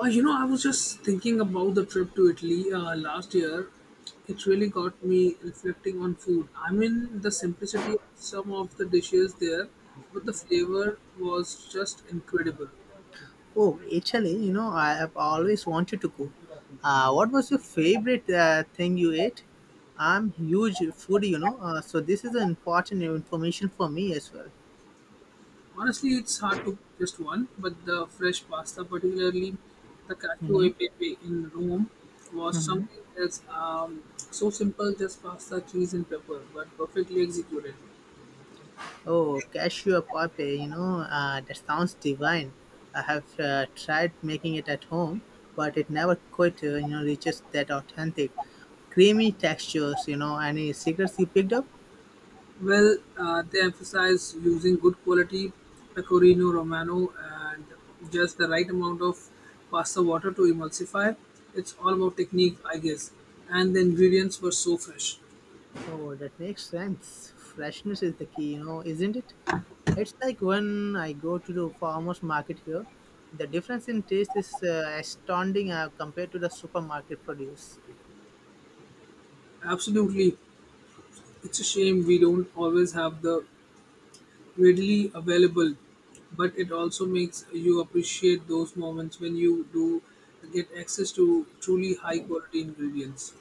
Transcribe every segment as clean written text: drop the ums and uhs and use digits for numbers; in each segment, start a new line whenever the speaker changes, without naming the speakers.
I was just thinking about the trip to Italy last year. It really got me reflecting on food. I mean, the simplicity of some of the dishes there, but the flavor was just incredible.
Oh, Italy, I have always wanted to go. What was your favorite thing you ate? I'm huge foodie, so this is important information for me as well.
Honestly, it's hard to pick just one, but the fresh pasta, particularly the cacio
hmm
e pepe in Rome, was
hmm
something else. So simple, just pasta, cheese, and pepper, but perfectly executed.
Oh, cashew poppy, that sounds divine. I have tried making it at home, but it never quite, reaches that authentic, creamy textures. Any secrets you picked up?
Well, they emphasize using good quality pecorino romano and just the right amount of pasta water to emulsify. It's all about technique, I guess. And the ingredients were so fresh.
Oh, that makes sense. Freshness is the key, isn't it? It's like when I go to the farmers market here, the difference in taste is astounding compared to the supermarket produce.
Absolutely, it's a shame we don't always have the readily available, but it also makes you appreciate those moments when you do get access to truly high quality ingredients.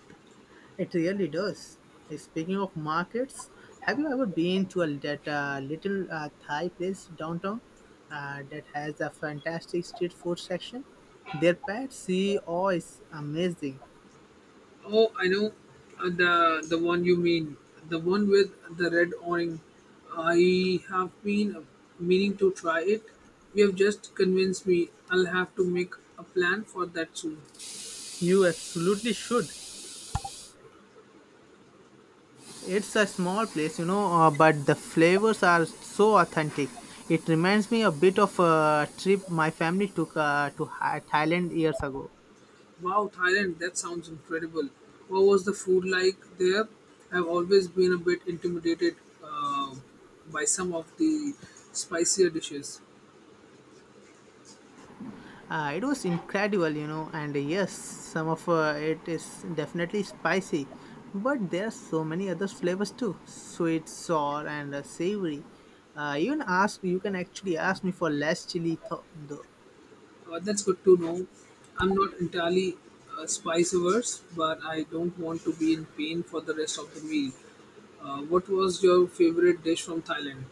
It really does. Speaking of markets, have you ever been to a, that little Thai place downtown that has a fantastic street food section? Their pad see oh is amazing.
Oh, I know the one you mean, the one with the red awning. I have been meaning to try it. You have just convinced me. I'll have to make a plan for that soon.
You absolutely should. It's a small place, but the flavors are so authentic. It reminds me a bit of a trip my family took to Thailand years ago.
Wow, Thailand, that sounds incredible. What was the food like there? I've always been a bit intimidated uh, by some of the spicier dishes.
It was incredible, and yes, some of it is definitely spicy, but there are so many other flavors too sweet, sour, and savory. Even ask you can actually ask me for less chili though.
That's good to know. I'm not entirely spice averse, but I don't want to be in pain for the rest of the meal. What was your favorite dish from Thailand?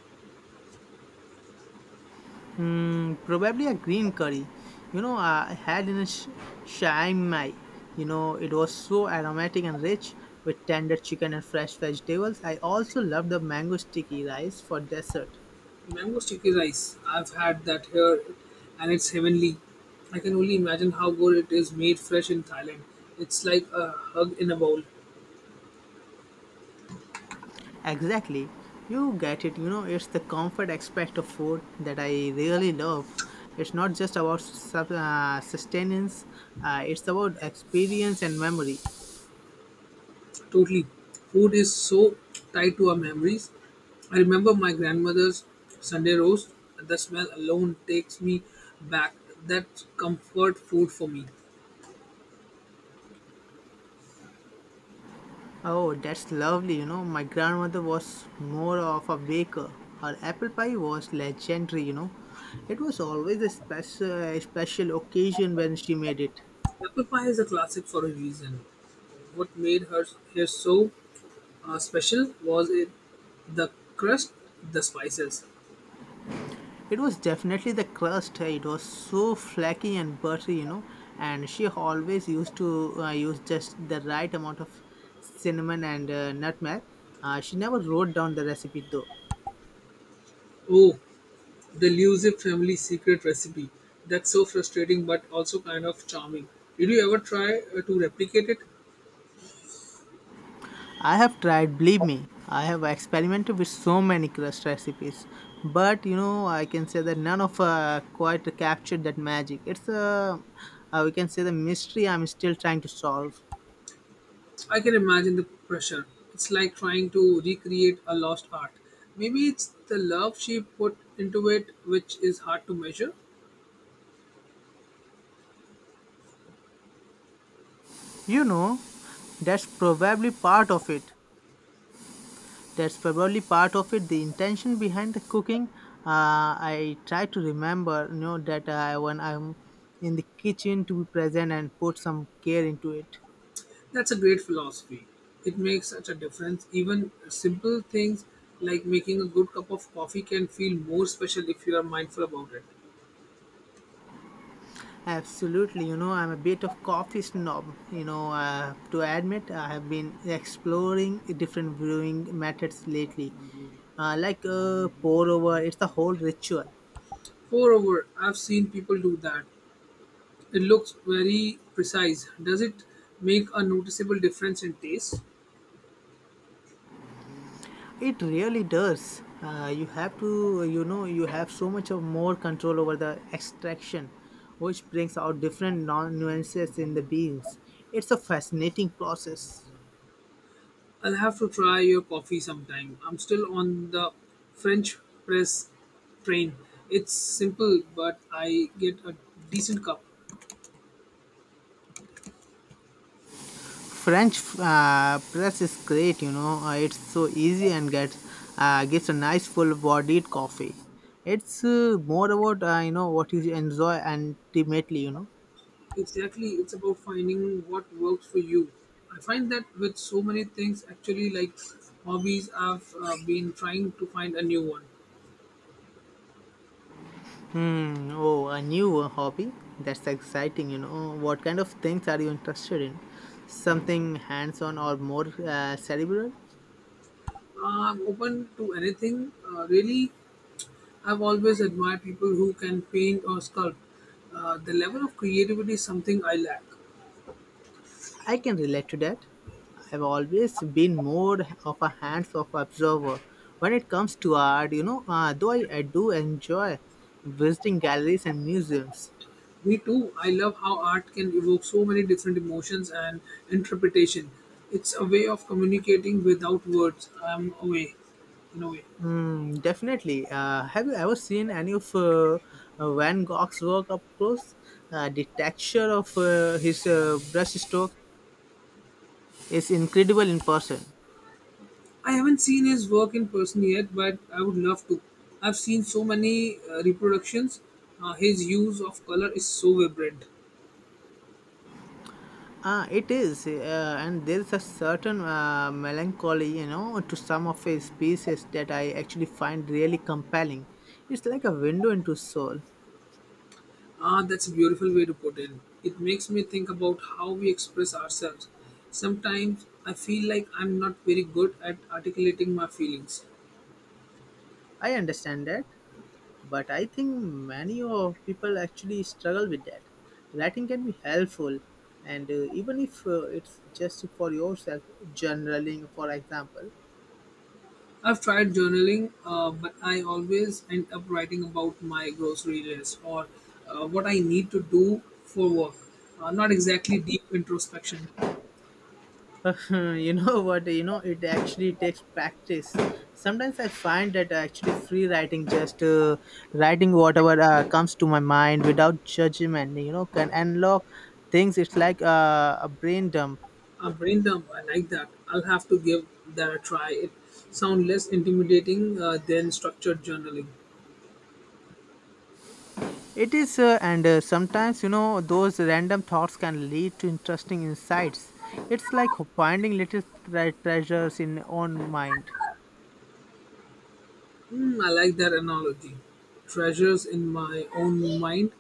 Mm, probably a green curry. You know, I had in a Chiang Mai. You know, it was so aromatic and rich with tender chicken and fresh vegetables. I also love the mango sticky rice for dessert.
Mango sticky rice. I've had that here, and it's heavenly. I can only imagine how good it is made fresh in Thailand. It's like a hug in a bowl.
Exactly. You get it. You know, it's the comfort aspect of food that I really love. It's not just about sustenance, it's about experience and memory.
Totally. Food is so tied to our memories. I remember my grandmother's Sunday roast. The smell alone takes me back. That's comfort food for me.
Oh, that's lovely. You know, my grandmother was more of a baker. Her apple pie was legendary. It was always a special, special occasion when she made it.
Apple pie is a classic for a reason. What made her here so special, was it the crust, the spices?
It was definitely the crust. It was so flaky and buttery, And she always used to use just the right amount of cinnamon and nutmeg. She never wrote down the recipe though.
Oh, the elusive family secret recipe. That's so frustrating but also kind of charming. Did you ever try to replicate it?
I have tried, believe me. I have experimented with so many crust recipes, but you know, I can say that none of quite captured that magic. We can say the mystery I'm still trying to solve.
I can imagine the pressure. It's like trying to recreate a lost art. Maybe it's the love she put into it which is hard to measure.
You know, that's probably part of it. That's probably part of it. The intention behind the cooking. I try to remember, that when I'm in the kitchen to be present and put some care into it.
That's a great philosophy. It makes such a difference. Even simple things like making a good cup of coffee can feel more special if you are mindful about it.
Absolutely, I'm a bit of coffee snob. To admit, I have been exploring different brewing methods lately, like pour over. It's the whole ritual.
Moreover, I've seen people do that. It looks very precise. Does it make a noticeable difference in taste?
It really does. You have to, you have so much of more control over the extraction, which brings out different nuances in the beans. It's a fascinating process.
I'll have to try your coffee sometime. I'm still on the French press train. It's simple, but I get a decent cup.
French press is great, It's so easy and gets gives a nice full-bodied coffee. It's more about what you enjoy and ultimately, you know.
Exactly, it's about finding what works for you. I find that with so many things, actually, like hobbies, I've been trying to find a new one.
Hmm. Oh, a new hobby. That's exciting, What kind of things are you interested in? Something hands-on or more cerebral?
I'm open to anything, really. I've always admired people who can paint or sculpt. The level of creativity is something I lack.
I can relate to that. I've always been more of a hands-off observer when it comes to art, though I do enjoy visiting galleries and museums.
Me too. I love how art can evoke so many different emotions and interpretation. It's a way of communicating without words. I'm away, in a way.
Mm, definitely. Have you ever seen any of Van Gogh's work up close? The texture of his brush strokes is incredible in person.
I haven't seen his work in person yet, but I would love to. I've seen so many reproductions. His use of color is so vibrant.
It is, and there's a certain melancholy, to some of his pieces that I actually find really compelling. It's like a window into soul.
Ah, that's a beautiful way to put it. It makes me think about how we express ourselves. Sometimes I feel like I'm not very good at articulating my feelings.
I understand that, but I think many of people actually struggle with that. Writing can be helpful, and even if it's just for yourself, journaling, for example,
I've tried journaling, but I always end up writing about my grocery list or what I need to do for work. Not exactly deep introspection.
You know, it actually takes practice. Sometimes I find that actually free writing, just writing whatever comes to my mind without judgment, can unlock things. It's like a brain dump.
A brain dump, I like that. I'll have to give that a try. It sounds less intimidating than structured journaling.
It is, and sometimes you know those random thoughts can lead to interesting insights. It's like finding little treasures in own mind.
Hmm, I like that analogy. Treasures in my own mind.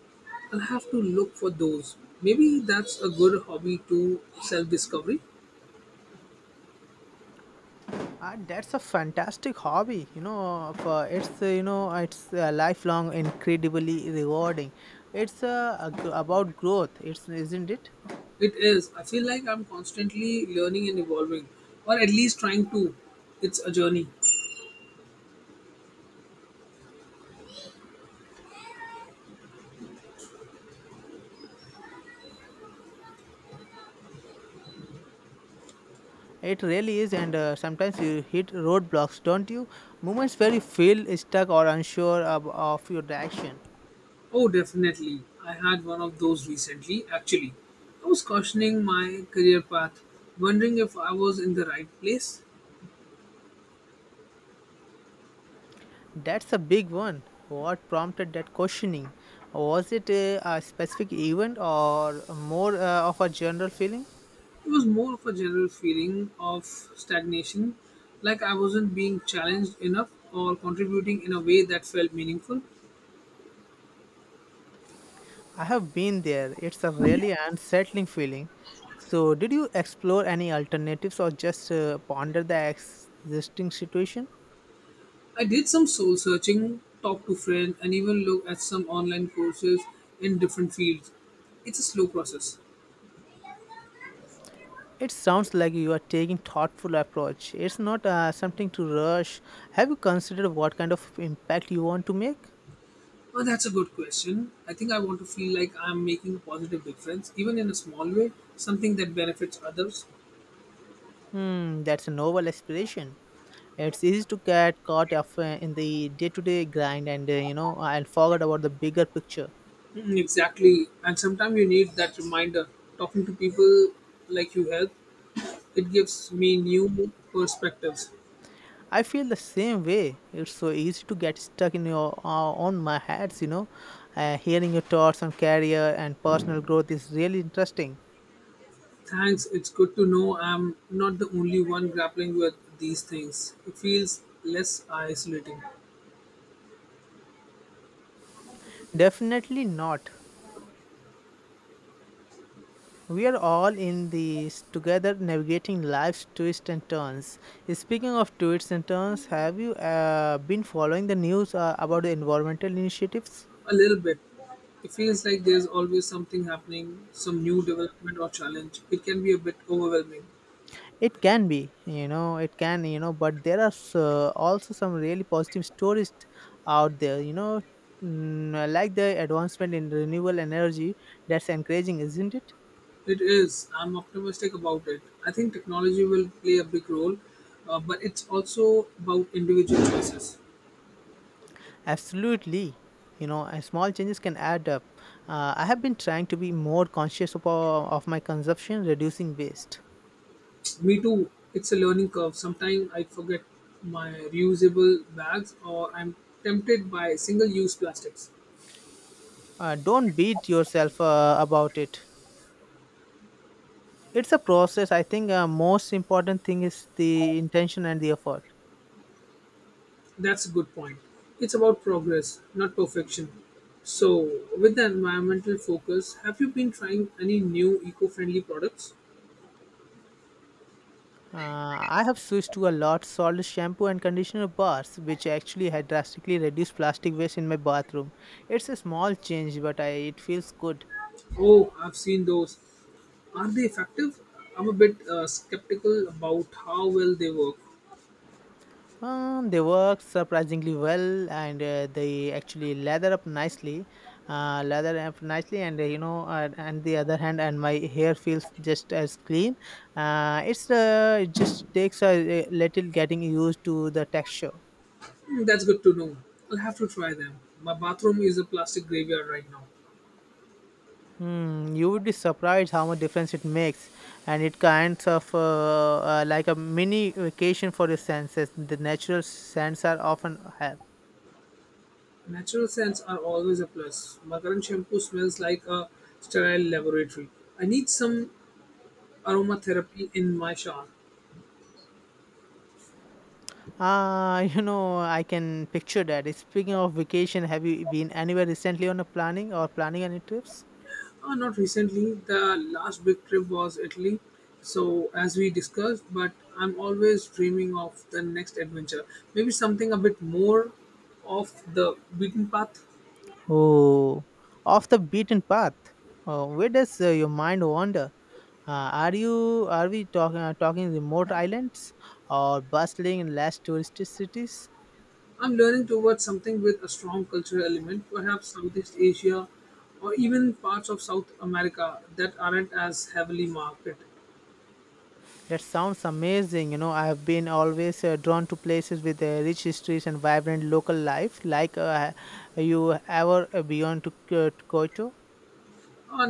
I'll have to look for those. Maybe that's a good hobby to self discovery.
And that's a fantastic hobby, For it's you know it's lifelong, incredibly rewarding. It's a about growth, it's isn't it?
It is. I feel like I'm constantly learning and evolving, or at least trying to. It's a journey.
It really is, and sometimes you hit roadblocks, don't you? Moments where you feel stuck or unsure of your direction.
Oh, definitely. I had one of those recently, actually. I was questioning my career path, wondering if I was in the right place.
That's a big one. What prompted that questioning? Was it a specific event or more of a general feeling?
It was more of a general feeling of stagnation, like I wasn't being challenged enough or contributing in a way that felt meaningful.
I have been there. It's a really unsettling feeling. So, did you explore any alternatives or just ponder the existing situation?
I did some soul searching, talked to friends, and even looked at some online courses in different fields. It's a slow process.
It sounds like you are taking thoughtful approach. It's not something to rush. Have you considered what kind of impact you want to make?
Well, that's a good question. I think I want to feel like I'm making a positive difference, even in a small way, something that benefits others.
Hmm, that's a noble aspiration. It's easy to get caught up in the day-to-day grind and and forget about the bigger picture.
Mm, exactly. And sometimes you need that reminder. Talking to people like you help, it gives me new perspectives.
I feel the same way. It's so easy to get stuck in your on my heads, Hearing your thoughts on career and personal growth is really interesting.
Thanks. It's good to know I'm not the only one grappling with these things. It feels less isolating.
Definitely not. We are all in this together navigating life's twists and turns. Speaking of twists and turns, have you been following the news about the environmental initiatives?
A little bit. It feels like there's always something happening, some new development or challenge. It can be a bit overwhelming.
It can be, you know, it can, you know, but there are also some really positive stories out there, mm, like the advancement in renewable energy that's encouraging, isn't it?
It is. I'm optimistic about it. I think technology will play a big role, but it's also about individual choices.
Absolutely. Small changes can add up. I have been trying to be more conscious of my consumption, reducing waste.
Me too. It's a learning curve. Sometimes I forget my reusable bags or I'm tempted by single use plastics.
Don't beat yourself about it. It's a process. I think most important thing is the intention and the effort.
That's a good point. It's about progress, not perfection. So, with the environmental focus, have you been trying any new eco friendly products?
I have switched to a lot solid shampoo and conditioner bars, which actually had drastically reduced plastic waste in my bathroom. It's a small change, but it feels good.
Oh, I've seen those. Are they effective? I'm a bit skeptical about how well they work.
They work surprisingly well, and they actually lather up nicely, and the other hand, and my hair feels just as clean. It just takes a little getting used to the texture.
Hmm, that's good to know. I'll have to try them. My bathroom is a plastic graveyard right now.
Hmm, you would be surprised how much difference it makes, and it kinds of like a mini vacation for your senses. The natural scents are often have.
Natural scents are always a plus. My current shampoo smells like a sterile laboratory. I need some aromatherapy in my shower.
Ah, I can picture that. Speaking of vacation, have you been anywhere recently on a planning or planning any trips?
Not recently. The last big trip was Italy. So, as we discussed, but I'm always dreaming of the next adventure. Maybe something a bit more off the beaten path.
Oh, off the beaten path. Oh, where does your mind wander? Are you are we talking remote islands or bustling and less touristy cities?
I'm learning towards something with a strong cultural element, perhaps Southeast Asia or even parts of South America that aren't as heavily marketed.
That sounds amazing. You know, I have been always drawn to places with rich histories and vibrant local life. Like, you ever beyond to to Kyoto?
Uh,